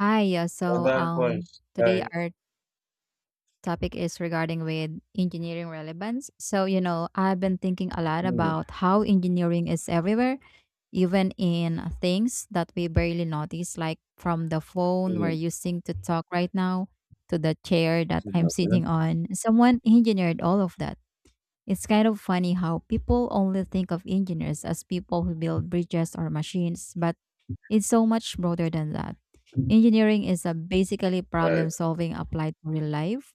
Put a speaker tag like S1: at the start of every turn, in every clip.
S1: Hi, yeah.
S2: Certain points,
S1: Today
S2: right?
S1: our topic is regarding with engineering relevance. I've been thinking a lot
S2: Mm,
S1: about how engineering is everywhere, even in things that we barely notice, like from the phone we're
S2: mm,
S1: using to talk right now to the chair that I'm sitting on. Someone engineered all of that. It's kind of funny how people only think of engineers as people who build bridges or machines, but it's so much broader than that.
S2: mm,
S1: Engineering is a basically
S2: right.
S1: problem solving applied to real life,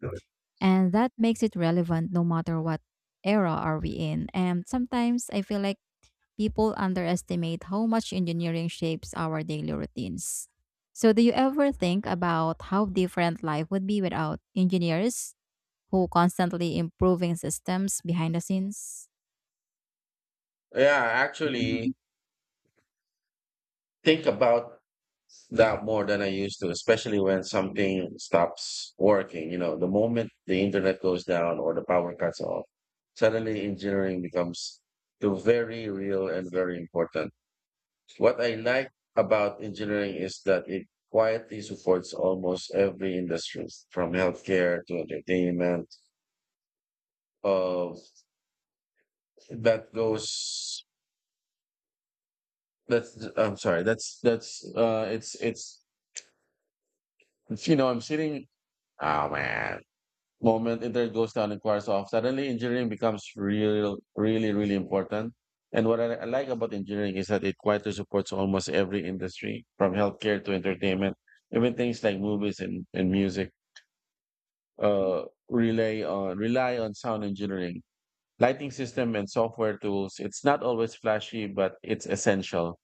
S1: and that makes it relevant no matter what era are we in. And sometimes I feel like people underestimate how much engineering shapes our daily routines. So do you ever think about how different life would be without engineers who constantly improving systems behind the scenes?
S2: Yeah, actually, think about that more than I used to, especially when something stops working. You know, the moment the internet goes down or the power cuts off, suddenly engineering becomes the very real and very important. What I like about engineering is that it quietly supports almost every industry, from healthcare to entertainment, uh, that goes that's I'm sorry, that's it's, you know I'm sitting oh man moment it goes down and quarters off, suddenly engineering becomes real, really really important. And what I like about engineering is that it quietly supports almost every industry, from healthcare to entertainment, even things like movies and music uh rely on sound engineering, lighting system, and software tools. It's not always flashy, but it's essential.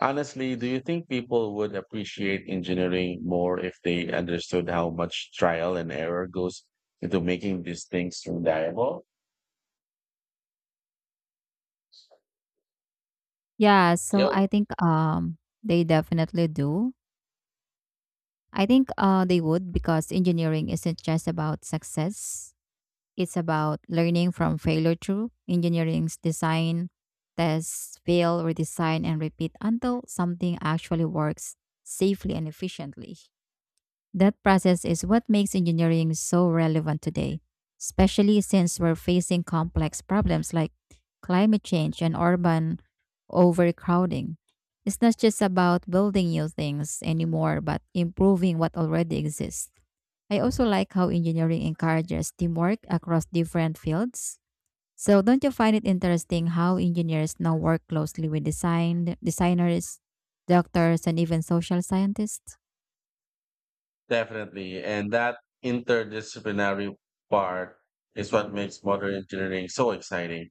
S2: Honestly, do you think people would appreciate engineering more if they understood how much trial and error goes into making these things reliable?
S1: Yeah, so
S2: Yo,
S1: I think um they definitely do. I think they would because engineering isn't just about success. It's about learning from failure through engineering's design, test, fail, redesign, and repeat until something actually works safely and efficiently. That process is what makes engineering so relevant today, especially since we're facing complex problems like climate change and urban overcrowding. It's not just about building new things anymore, but improving what already exists. I also like how engineering encourages teamwork across different fields. So, don't you find it interesting how engineers now work closely with designers, doctors, and even social scientists?
S2: definitely. And that interdisciplinary part is what makes modern engineering so exciting.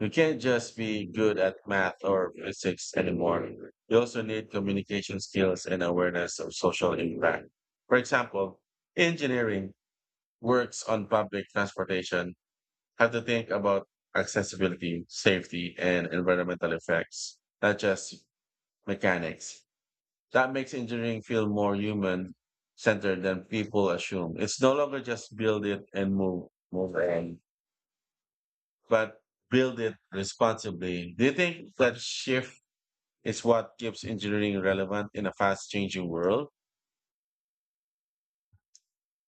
S2: You can't just be good at math or physics anymore. You also need communication skills and awareness of social impact. For example, engineering works on public transportation have to think about accessibility, safety, and environmental effects, not just mechanics. That makes engineering feel more human centered than people assume. It's no longer just build it and move on, but build it responsibly. Do you think that shift is what keeps engineering relevant in a fast changing world?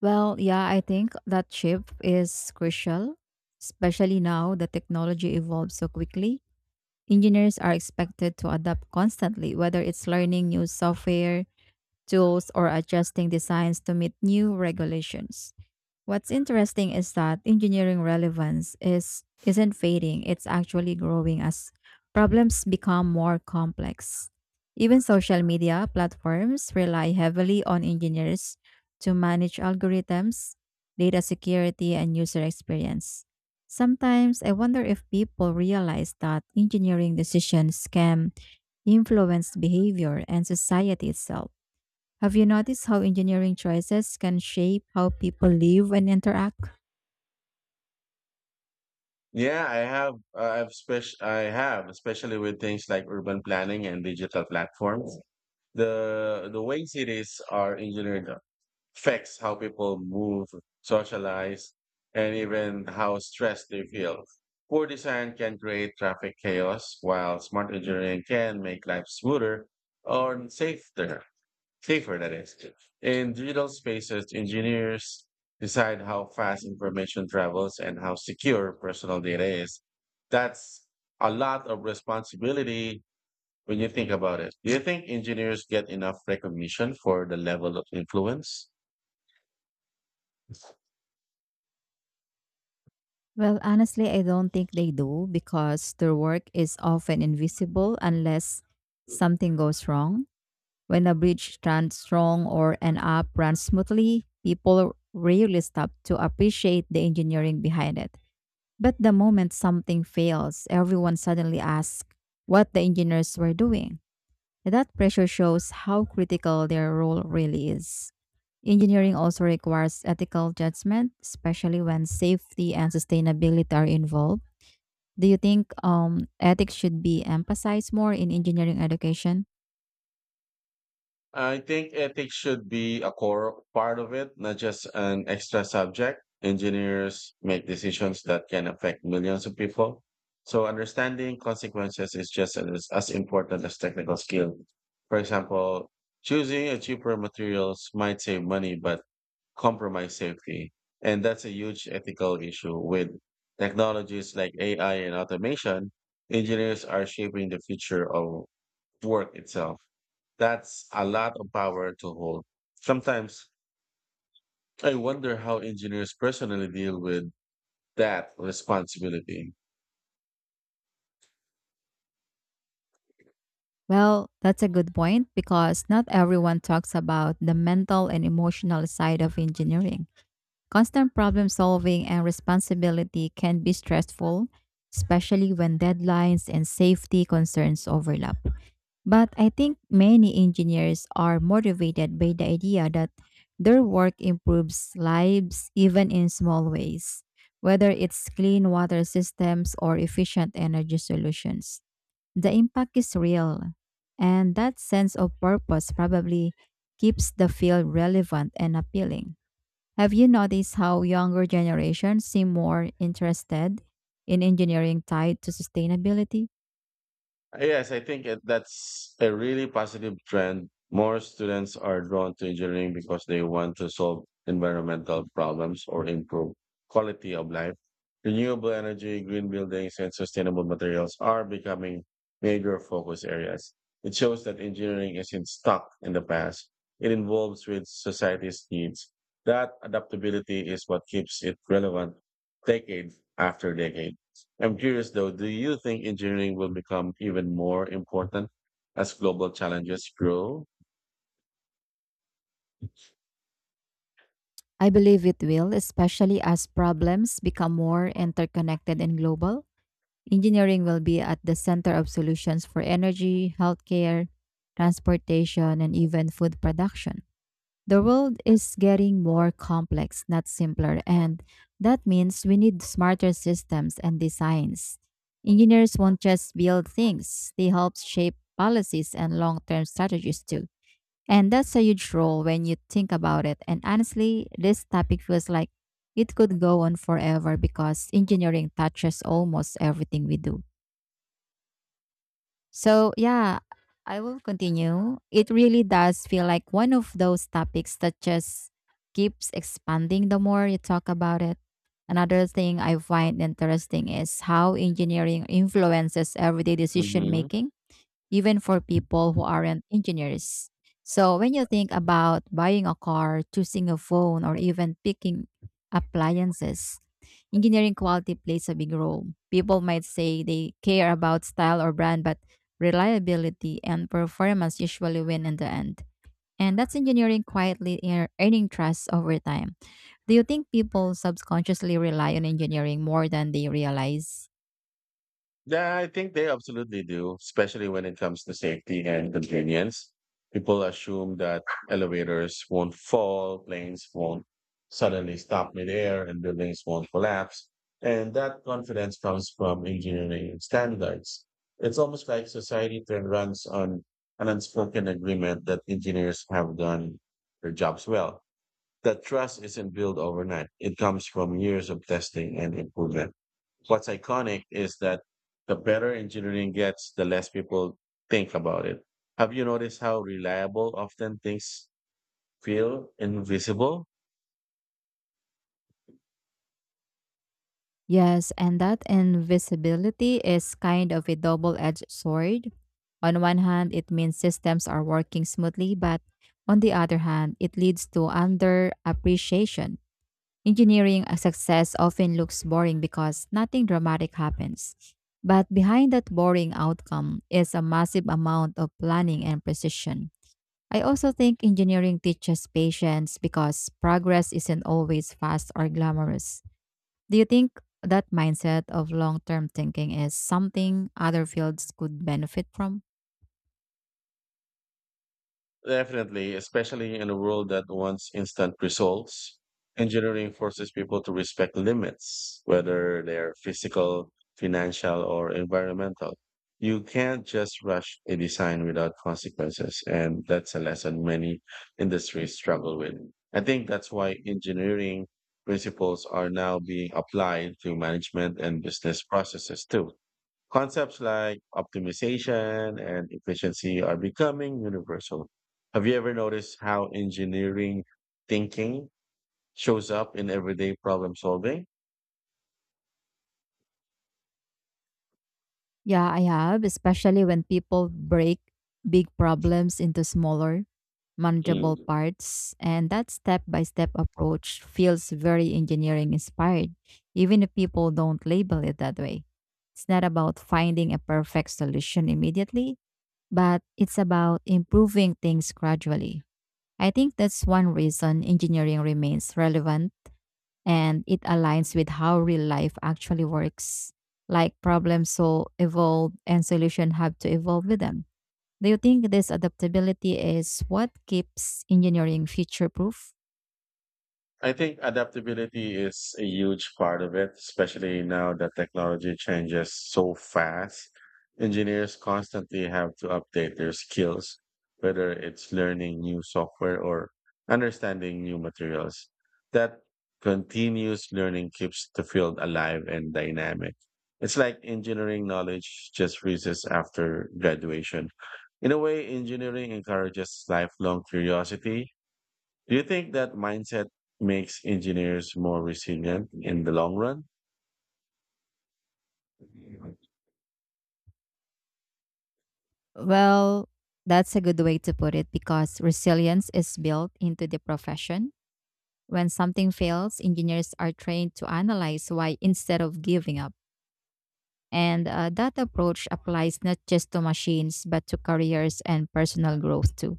S1: Well, yeah, I think that shift is crucial, especially now that technology evolves so quickly. Engineers are expected to adapt constantly, whether it's learning new software, tools, or adjusting designs to meet new regulations. What's interesting is that engineering relevance is isn't fading, it's actually growing as problems become more complex. Even social media platforms rely heavily on engineers to manage algorithms, data security, and user experience. Sometimes I wonder if people realize that engineering decisions can influence behavior and society itself. Have you noticed how engineering choices can shape how people live and interact?
S2: Yeah, I have. I have, especially with things like urban planning and digital platforms. The way cities are engineered affects how people move, socialize, and even how stressed they feel. Poor design can create traffic chaos, while smart engineering can make life smoother or safer. Safer, that is. In digital spaces, engineers decide how fast information travels and how secure personal data is. That's a lot of responsibility when you think about it. Do you think engineers get enough recognition for the level of influence?
S1: Well, honestly, I don't think they do because their work is often invisible unless something goes wrong. When a bridge stands strong or an app runs smoothly, people rarely stop to appreciate the engineering behind it. But the moment something fails, everyone suddenly asks what the engineers were doing. That pressure shows how critical their role really is. Engineering also requires ethical judgment, especially when safety and sustainability are involved. Do you think ethics should be emphasized more in engineering education?
S2: I think ethics should be a core part of it, not just an extra subject. Engineers make decisions that can affect millions of people. So understanding consequences is just as important as technical skill. For example, choosing a cheaper materials might save money, but compromise safety. And that's a huge ethical issue with technologies like AI and automation. Engineers are shaping the future of work itself. That's a lot of power to hold. Sometimes I wonder how engineers personally deal with that responsibility.
S1: Well, that's a good point because not everyone talks about the mental and emotional side of engineering. Constant problem solving and responsibility can be stressful, especially when deadlines and safety concerns overlap. But I think many engineers are motivated by the idea that their work improves lives even in small ways, whether it's clean water systems or efficient energy solutions. The impact is real, and that sense of purpose probably keeps the field relevant and appealing. Have you noticed how younger generations seem more interested in engineering tied to sustainability?
S2: Yes, that's a really positive trend. More students are drawn to engineering because they want to solve environmental problems or improve quality of life. Renewable energy, green buildings, and sustainable materials are becoming major focus areas. It shows that engineering isn't stuck in the past. It involves with society's needs. That adaptability is what keeps it relevant decade after decade. I'm curious though, do you think engineering will become even more important as global challenges grow?
S1: I believe it will, especially as problems become more interconnected and global. Engineering will be at the center of solutions for energy, healthcare, transportation, and even food production. The world is getting more complex, not simpler, and that means we need smarter systems and designs. Engineers won't just build things, they help shape policies and long term strategies too. And that's a huge role when you think about it. And honestly, this topic feels like it could go on forever because engineering touches almost everything we do. So, yeah, I will continue. It really does feel like one of those topics that just keeps expanding the more you talk about it. Another thing I find interesting is how engineering influences everyday decision
S2: Hmm.
S1: making even for people who aren't engineers. So when you think about buying a car, choosing a phone, or even picking appliances, engineering quality plays a big role. People might say they care about style or brand, but reliability and performance usually win in the end. And that's engineering quietly earning trust over time. Do you think people subconsciously rely on engineering more than they realize?
S2: Yeah, I think they absolutely do, especially when it comes to safety and convenience. People assume that elevators won't fall, planes won't suddenly stop midair, and buildings won't collapse. And that confidence comes from engineering standards. It's almost like society then runs on an unspoken agreement that engineers have done their jobs well. That trust isn't built overnight. It comes from years of testing and improvement. What's iconic is that the better engineering gets, the less people think about it. Have you noticed how reliable often things feel invisible?
S1: Yes, and that invisibility is kind of a double edged sword. On one hand, it means systems are working smoothly, but on the other hand, it leads to underappreciation. Engineering a success often looks boring because nothing dramatic happens. But behind that boring outcome is a massive amount of planning and precision. I also think engineering teaches patience because progress isn't always fast or glamorous. Do you think that mindset of long term thinking is something other fields could benefit from?
S2: Definitely, especially in a world that wants instant results, engineering forces people to respect limits, whether they're physical, financial, or environmental. You can't just rush a design without consequences, and that's a lesson many industries struggle with. I think that's why engineering principles are now being applied to management and business processes too. Concepts like optimization and efficiency are becoming universal. Have you ever noticed how engineering thinking shows up in everyday problem solving?
S1: Yeah, I have, especially when people break big problems into smaller, manageable
S2: Mm.
S1: parts. And that step by step approach feels very engineering inspired, even if people don't label it that way. It's not about finding a perfect solution immediately, but it's about improving things gradually. I think that's one reason engineering remains relevant and it aligns with how real life actually works. Like problems so evolve and solution have to evolve with them. Do you think this adaptability is what keeps engineering future proof?
S2: I think adaptability is a huge part of it, especially now that technology changes so fast. Engineers constantly have to update their skills, whether it's learning new software or understanding new materials. That continuous learning keeps the field alive and dynamic. It's like engineering knowledge just freezes after graduation. In a way, engineering encourages lifelong curiosity. Do you think that mindset makes engineers more resilient in the long run?
S1: Well, that's a good way to put it because resilience is built into the profession. When something fails, engineers are trained to analyze why instead of giving up. And that approach applies not just to machines, but to careers and personal growth too.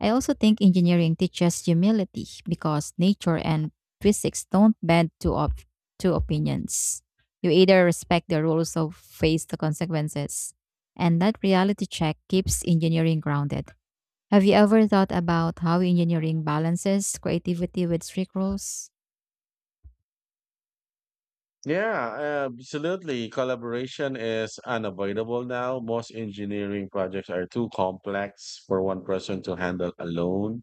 S1: I also think engineering teaches humility because nature and physics don't bend to to opinions. You either respect the rules or face the consequences. And that reality check keeps engineering grounded. Have you ever thought about how engineering balances creativity with strict rules?
S2: Yeah, absolutely. Collaboration is unavoidable now. Most engineering projects are too complex for one person to handle alone.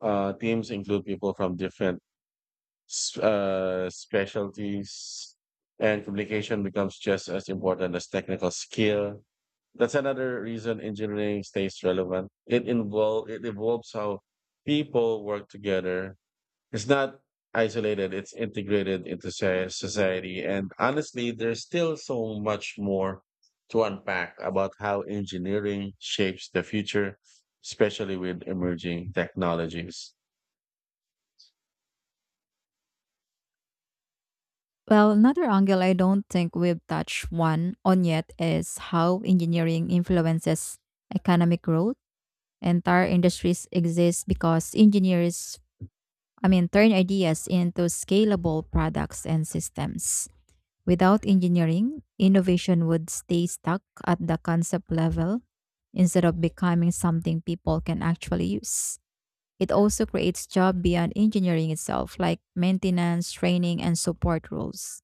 S2: Teams include people from different specialties, and communication becomes just as important as technical skill. That's another reason engineering stays relevant. It evolves how people work together. It's not isolated, it's integrated into society. And honestly, there's still so much more to unpack about how engineering shapes the future, especially with emerging technologies.
S1: Well, another angle I don't think we've touched one on yet is how engineering influences economic growth entire industries exist because engineers turn ideas into scalable products and systems. Without engineering, innovation would stay stuck at the concept level instead of becoming something people can actually use. It also creates jobs beyond engineering itself, like maintenance, training, and support roles.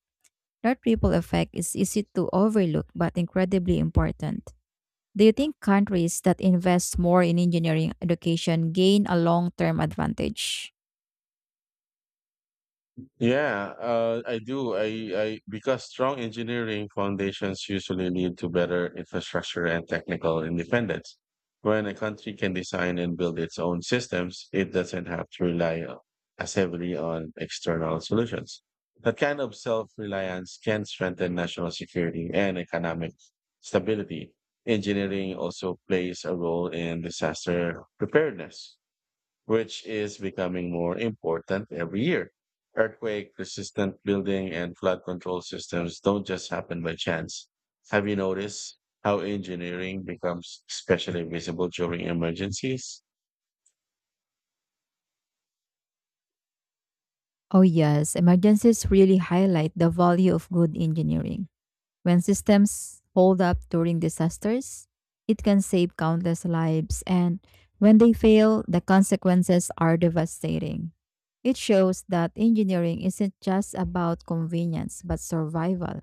S1: That ripple effect is easy to overlook but incredibly important. Do you think countries that invest more in engineering education gain a long term advantage?
S2: Yeah, I do. I because strong engineering foundations usually lead to better infrastructure and technical independence. When a country can design and build its own systems, it doesn't have to as heavily on external solutions. That kind of self-reliance can strengthen national security and economic stability. Engineering also plays a role in disaster preparedness, which is becoming more important every year. Earthquake resistant building and flood control systems don't just happen by chance. Have you noticed how engineering becomes especially visible during emergencies?
S1: Oh, yes. Emergencies really highlight the value of good engineering. When systems hold up during disasters, it can save countless lives, and when they fail, the consequences are devastating. It shows that engineering isn't just about convenience, but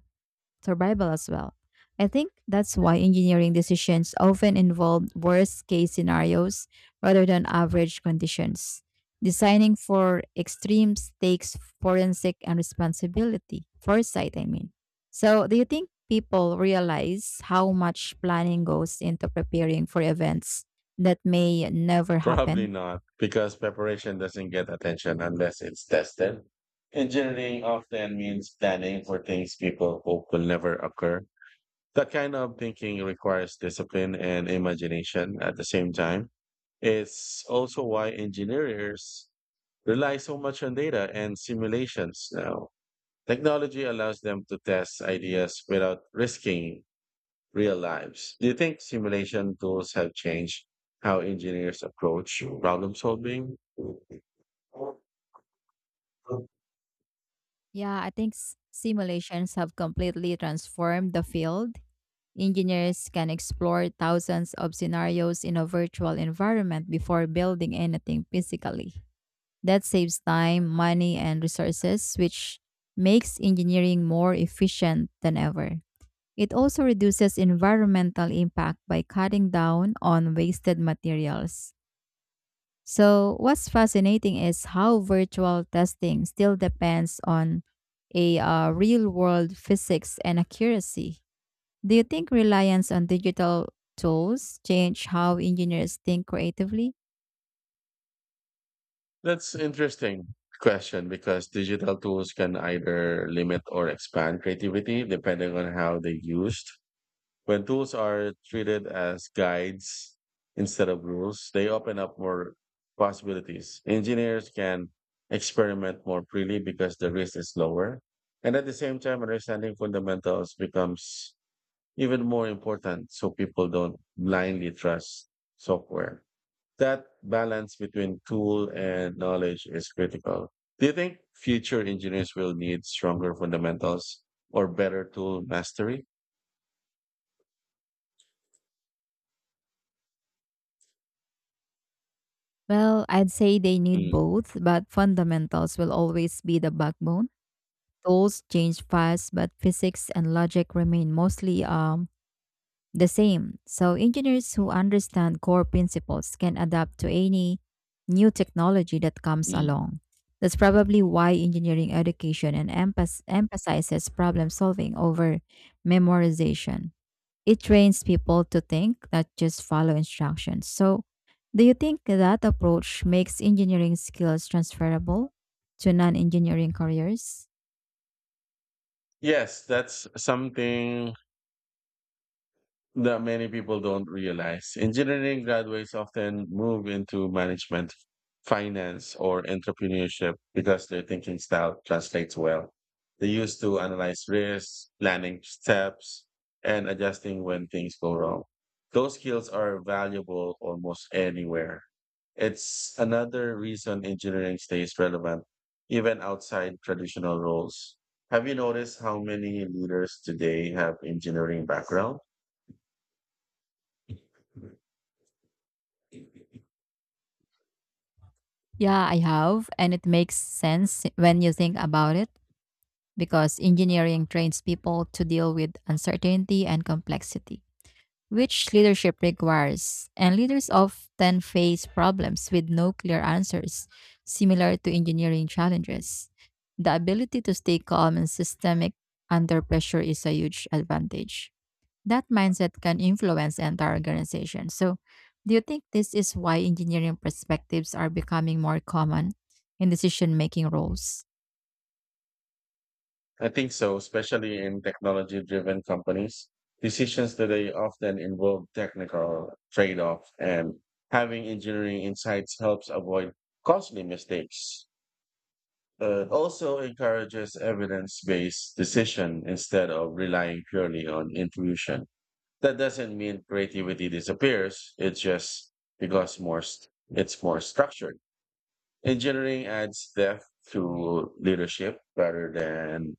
S1: survival as well. I think that's why engineering decisions often involve worst case scenarios rather than average conditions. Designing for extremes takes forensic and responsibility, foresight, I mean. So, do you think people realize how much planning goes into preparing for events that may never
S2: Probably
S1: happen?
S2: not, because preparation doesn't get attention unless it's tested. Engineering often means planning for things people hope will never occur. That kind of thinking requires discipline and imagination at the same time. It's also why engineers rely so much on data and simulations now. Technology allows them to test ideas without risking real lives. Do you think simulation tools have changed how engineers approach problem solving?
S1: Yeah, I think simulations have completely transformed the field Engineers can explore thousands of scenarios in a virtual environment before building anything physically. That saves time, money, and resources, which makes engineering more efficient than ever. It also reduces environmental impact by cutting down on wasted materials. So, what's fascinating is how virtual testing still depends on a real world physics and accuracy. Do you think reliance on digital tools change how engineers think creatively?
S2: That's interesting question because digital tools can either limit or expand creativity depending on how they're used. When tools are treated as guides instead of rules, they open up more possibilities. Engineers can experiment more freely because the risk is lower. And at the same time, understanding fundamentals becomes even more important so people don't blindly trust software. That balance between tool and knowledge is critical. Do you think future engineers will need stronger fundamentals or better tool mastery?
S1: Well, I'd say they need
S2: Mm,
S1: both, but fundamentals will always be the backbone. Tools change fast, but physics and logic remain mostly the same. So engineers who understand core principles can adapt to any new technology that comes
S2: mm.
S1: along. That's probably why engineering education and emphasizes problem solving over memorization. It trains people to think, not just follow instructions. So, do you think that approach makes engineering skills transferable to non engineering careers?
S2: Yes, that's something that many people don't realize. Engineering graduates often move into management, finance, or entrepreneurship because their thinking style translates well. They used to analyze risks, planning steps, and adjusting when things go wrong. Those skills are valuable almost anywhere. It's another reason engineering stays relevant, even outside traditional roles. Have you noticed how many leaders today have engineering background?
S1: Yeah, I have. And it makes sense when you think about it because engineering trains people to deal with uncertainty and complexity, which leadership requires, and leaders often face problems with no clear answers, similar to engineering challenges. The ability to stay calm and systemic under pressure is a huge advantage. That mindset can influence entire organization. So, do you think this is why engineering perspectives are becoming more common in decision making roles?
S2: I think so, especially in technology driven companies. Decisions today often involve technical trade off, and having engineering insights helps avoid costly mistakes. It also encourages evidence based decision instead of relying purely on intuition. That doesn't mean creativity disappears, it's just because more st- it's more structured. Engineering adds depth to leadership rather than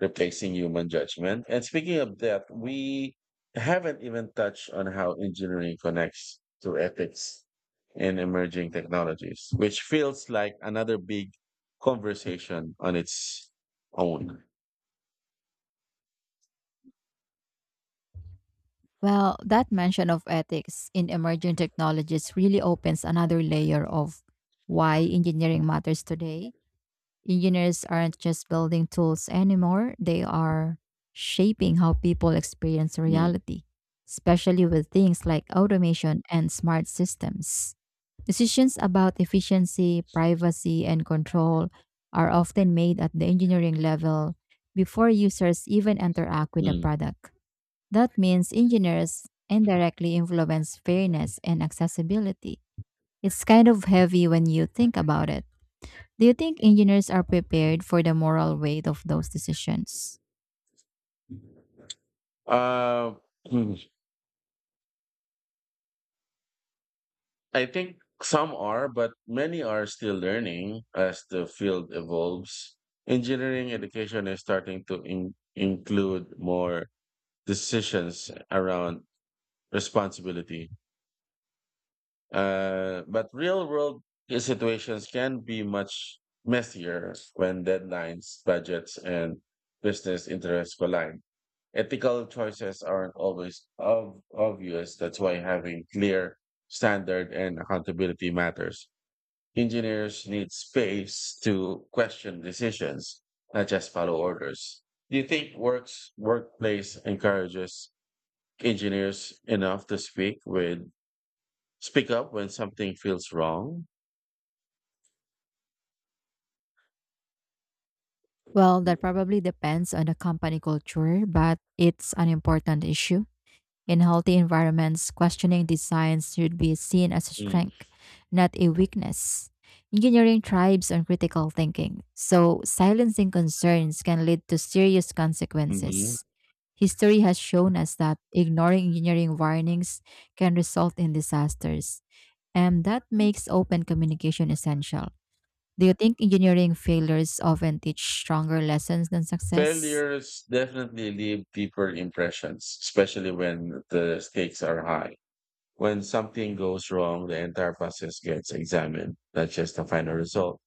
S2: replacing human judgment. And speaking of that, we haven't even touched on how engineering connects to ethics in emerging technologies, which feels like another big conversation on its own.
S1: Well, that mention of ethics in emerging technologies really opens another layer of why engineering matters today. Engineers aren't just building tools anymore, they are shaping how people experience
S2: Mm,
S1: reality, especially with things like automation and smart systems. Decisions about efficiency, privacy, and control are often made at the engineering level before users even interact with the
S2: mm.
S1: product. That means engineers indirectly influence fairness and accessibility. It's kind of heavy when you think about it. Do you think engineers are prepared for the moral weight of those decisions?
S2: Uh, hmm. I think some are, but many are still learning as the field evolves. Engineering education is starting to include more decisions around responsibility. But real world situations can be much messier when deadlines, budgets, and business interests collide. Ethical choices aren't always obvious. That's why having clear standard and accountability matters. Engineers need space to question decisions, not just follow orders. Do you think works workplace encourages engineers enough to speak with. Speak up when something feels wrong.
S1: Well, that probably depends on the company culture, but it's an important issue. In healthy environments, questioning designs should be seen as a
S2: Mm.
S1: strength, not a weakness. Engineering thrives on critical thinking, so silencing concerns can lead to serious
S2: Mhm.
S1: consequences. History has shown us that ignoring engineering warnings can result in disasters, and that makes open communication essential. Do you think engineering failures often teach stronger lessons than success?
S2: Failures definitely leave deeper impressions, especially when the stakes are high. When something goes wrong, the entire process gets examined, not just the final result.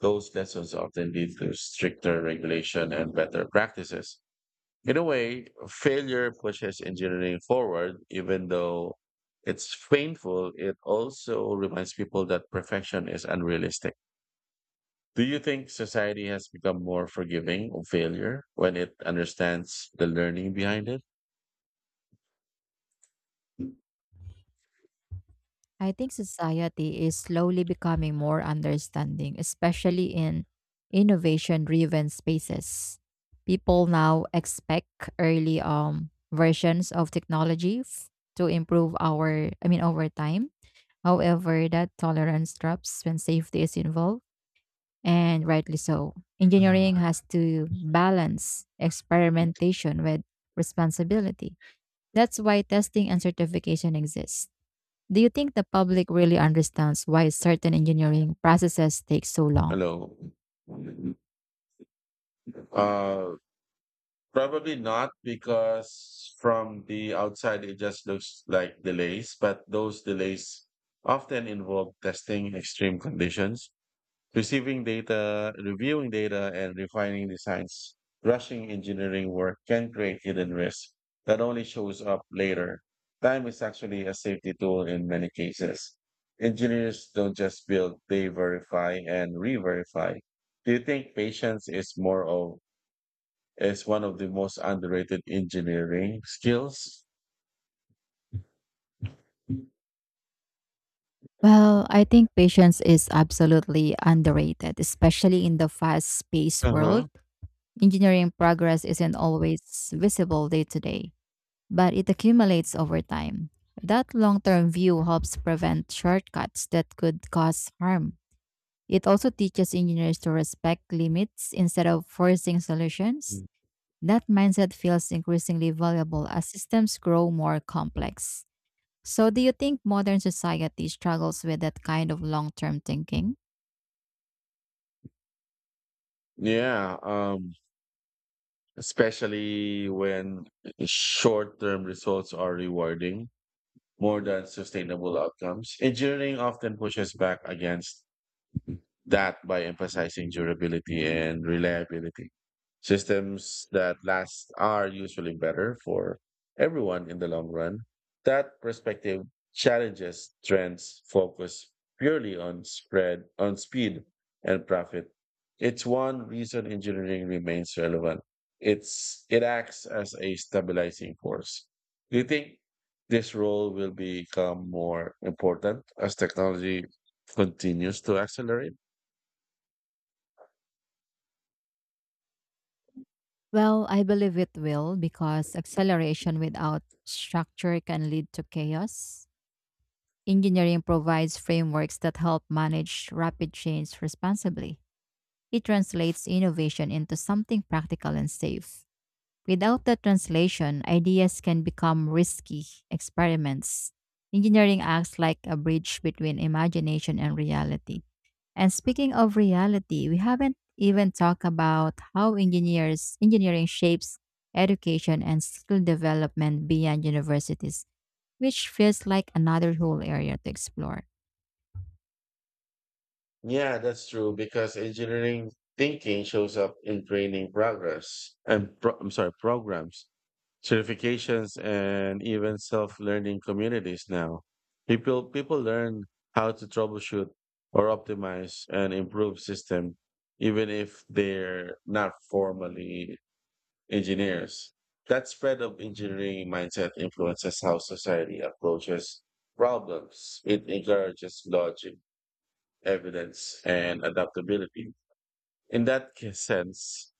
S2: Those lessons often lead to stricter regulation and better practices. In a way, failure pushes engineering forward, even though it's painful, it also reminds people that perfection is unrealistic. Do you think society has become more forgiving of failure when it understands the learning behind it?
S1: I think society is slowly becoming more understanding, especially in innovation driven spaces. People now expect early versions of technology to improve over time. However, that tolerance drops when safety is involved, and rightly so.
S2: Um,
S1: Engineering has to balance experimentation with responsibility. That's why testing and certification exist. Do you think the public really understands why certain engineering processes take so long?
S2: Hello. Uh, Probably not, because from the outside it just looks like delays, but those delays often involve testing extreme conditions, receiving data, reviewing data, and refining designs. Rushing engineering work can create hidden risk that only shows up later. Time is actually a safety tool in many cases. Engineers don't just build, they verify and re-verify. Do you think patience is one of the most underrated engineering skills.
S1: Well, I think patience is absolutely underrated, especially in the fast paced world.
S2: Uh-huh.
S1: Engineering progress isn't always visible day to day, but it accumulates over time. That long term view helps prevent shortcuts that could cause harm. It also teaches engineers to respect limits instead of forcing solutions.
S2: Mm.
S1: That mindset feels increasingly valuable as systems grow more complex. So, do you think modern society struggles with that kind of long term thinking?
S2: Yeah, especially when short-term results are rewarding more than sustainable outcomes. Engineering often pushes back against that by emphasizing durability and reliability. Systems that last are usually better for everyone in the long run. That perspective challenges trends focus purely on spread, on speed and profit. It's one reason engineering remains relevant. It acts as a stabilizing force. Do you think this role will become more important as technology continues to accelerate?
S1: Well, I believe it will because acceleration without structure can lead to chaos. Engineering provides frameworks that help manage rapid change responsibly. It translates innovation into something practical and safe. Without the translation, ideas can become risky experiments. Engineering acts like a bridge between imagination and reality. And speaking of reality, we haven't even talked about how engineers engineering shapes education and skill development beyond universities, which feels like another whole area to explore.
S2: Yeah, that's true because engineering thinking shows up in training I'm sorry, programs, certifications, and even self-learning communities now. People learn how to troubleshoot or optimize and improve system, even if they're not formally engineers. That spread of engineering mindset influences how society approaches problems. It encourages logic evidence and adaptability. In that sense,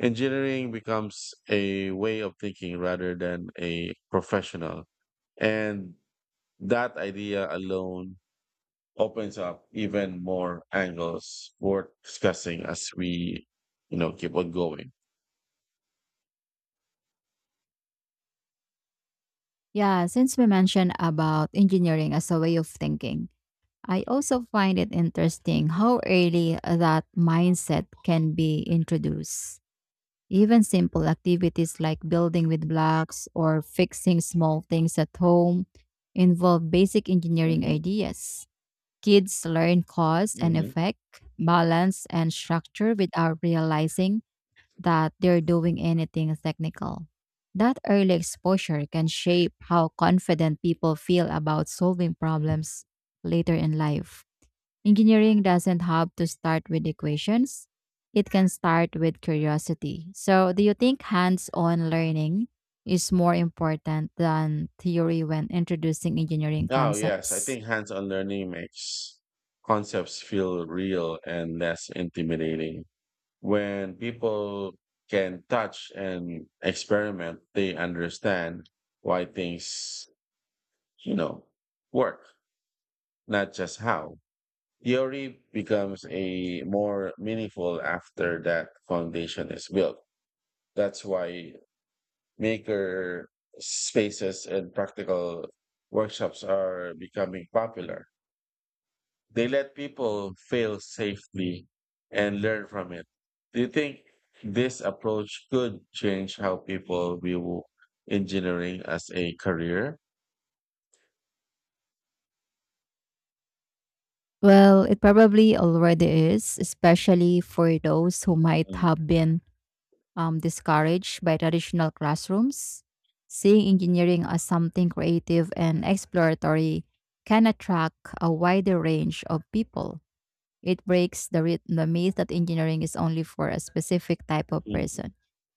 S2: engineering becomes a way of thinking rather than a professional. And that idea alone opens up even more angles worth discussing as we, you know, keep on going.
S1: Yeah, since we mentioned about engineering as a way of thinking, I also find it interesting how early that mindset can be introduced. Even simple activities like building with blocks or fixing small things at home involve basic engineering
S2: Mhm,
S1: ideas. Kids learn cause and
S2: mhm.
S1: effect, balance, and structure without realizing that they're doing anything technical. That early exposure can shape how confident people feel about solving problems later in life. Engineering doesn't have to start with equations. It can start with curiosity. So, do you think hands on learning is more important than theory when introducing engineering
S2: Oh, yes. I
S1: concepts?
S2: think hands on learning makes concepts feel real and less intimidating. When people can touch and experiment, they understand why things, you know, work, not just how. Theory becomes a more meaningful after that foundation is built. That's why maker spaces and practical workshops are becoming popular. They let people fail safely and learn from it. Do you think this approach could change how people view engineering as a career?
S1: Well, it probably already is, especially for those who might
S2: Mm.
S1: have been discouraged by traditional classrooms. Seeing engineering as something creative and exploratory can attract a wider range of people. It breaks the myth that engineering is only for a specific type of
S2: Mm.
S1: person.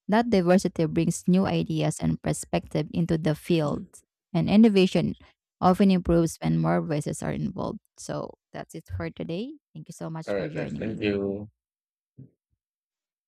S1: That diversity brings new ideas and perspective into the field, and innovation often improves when more voices are involved. So that's it for today. Thank you so
S2: All
S1: much for
S2: right, then.
S1: joining
S2: Thank
S1: me.
S2: you.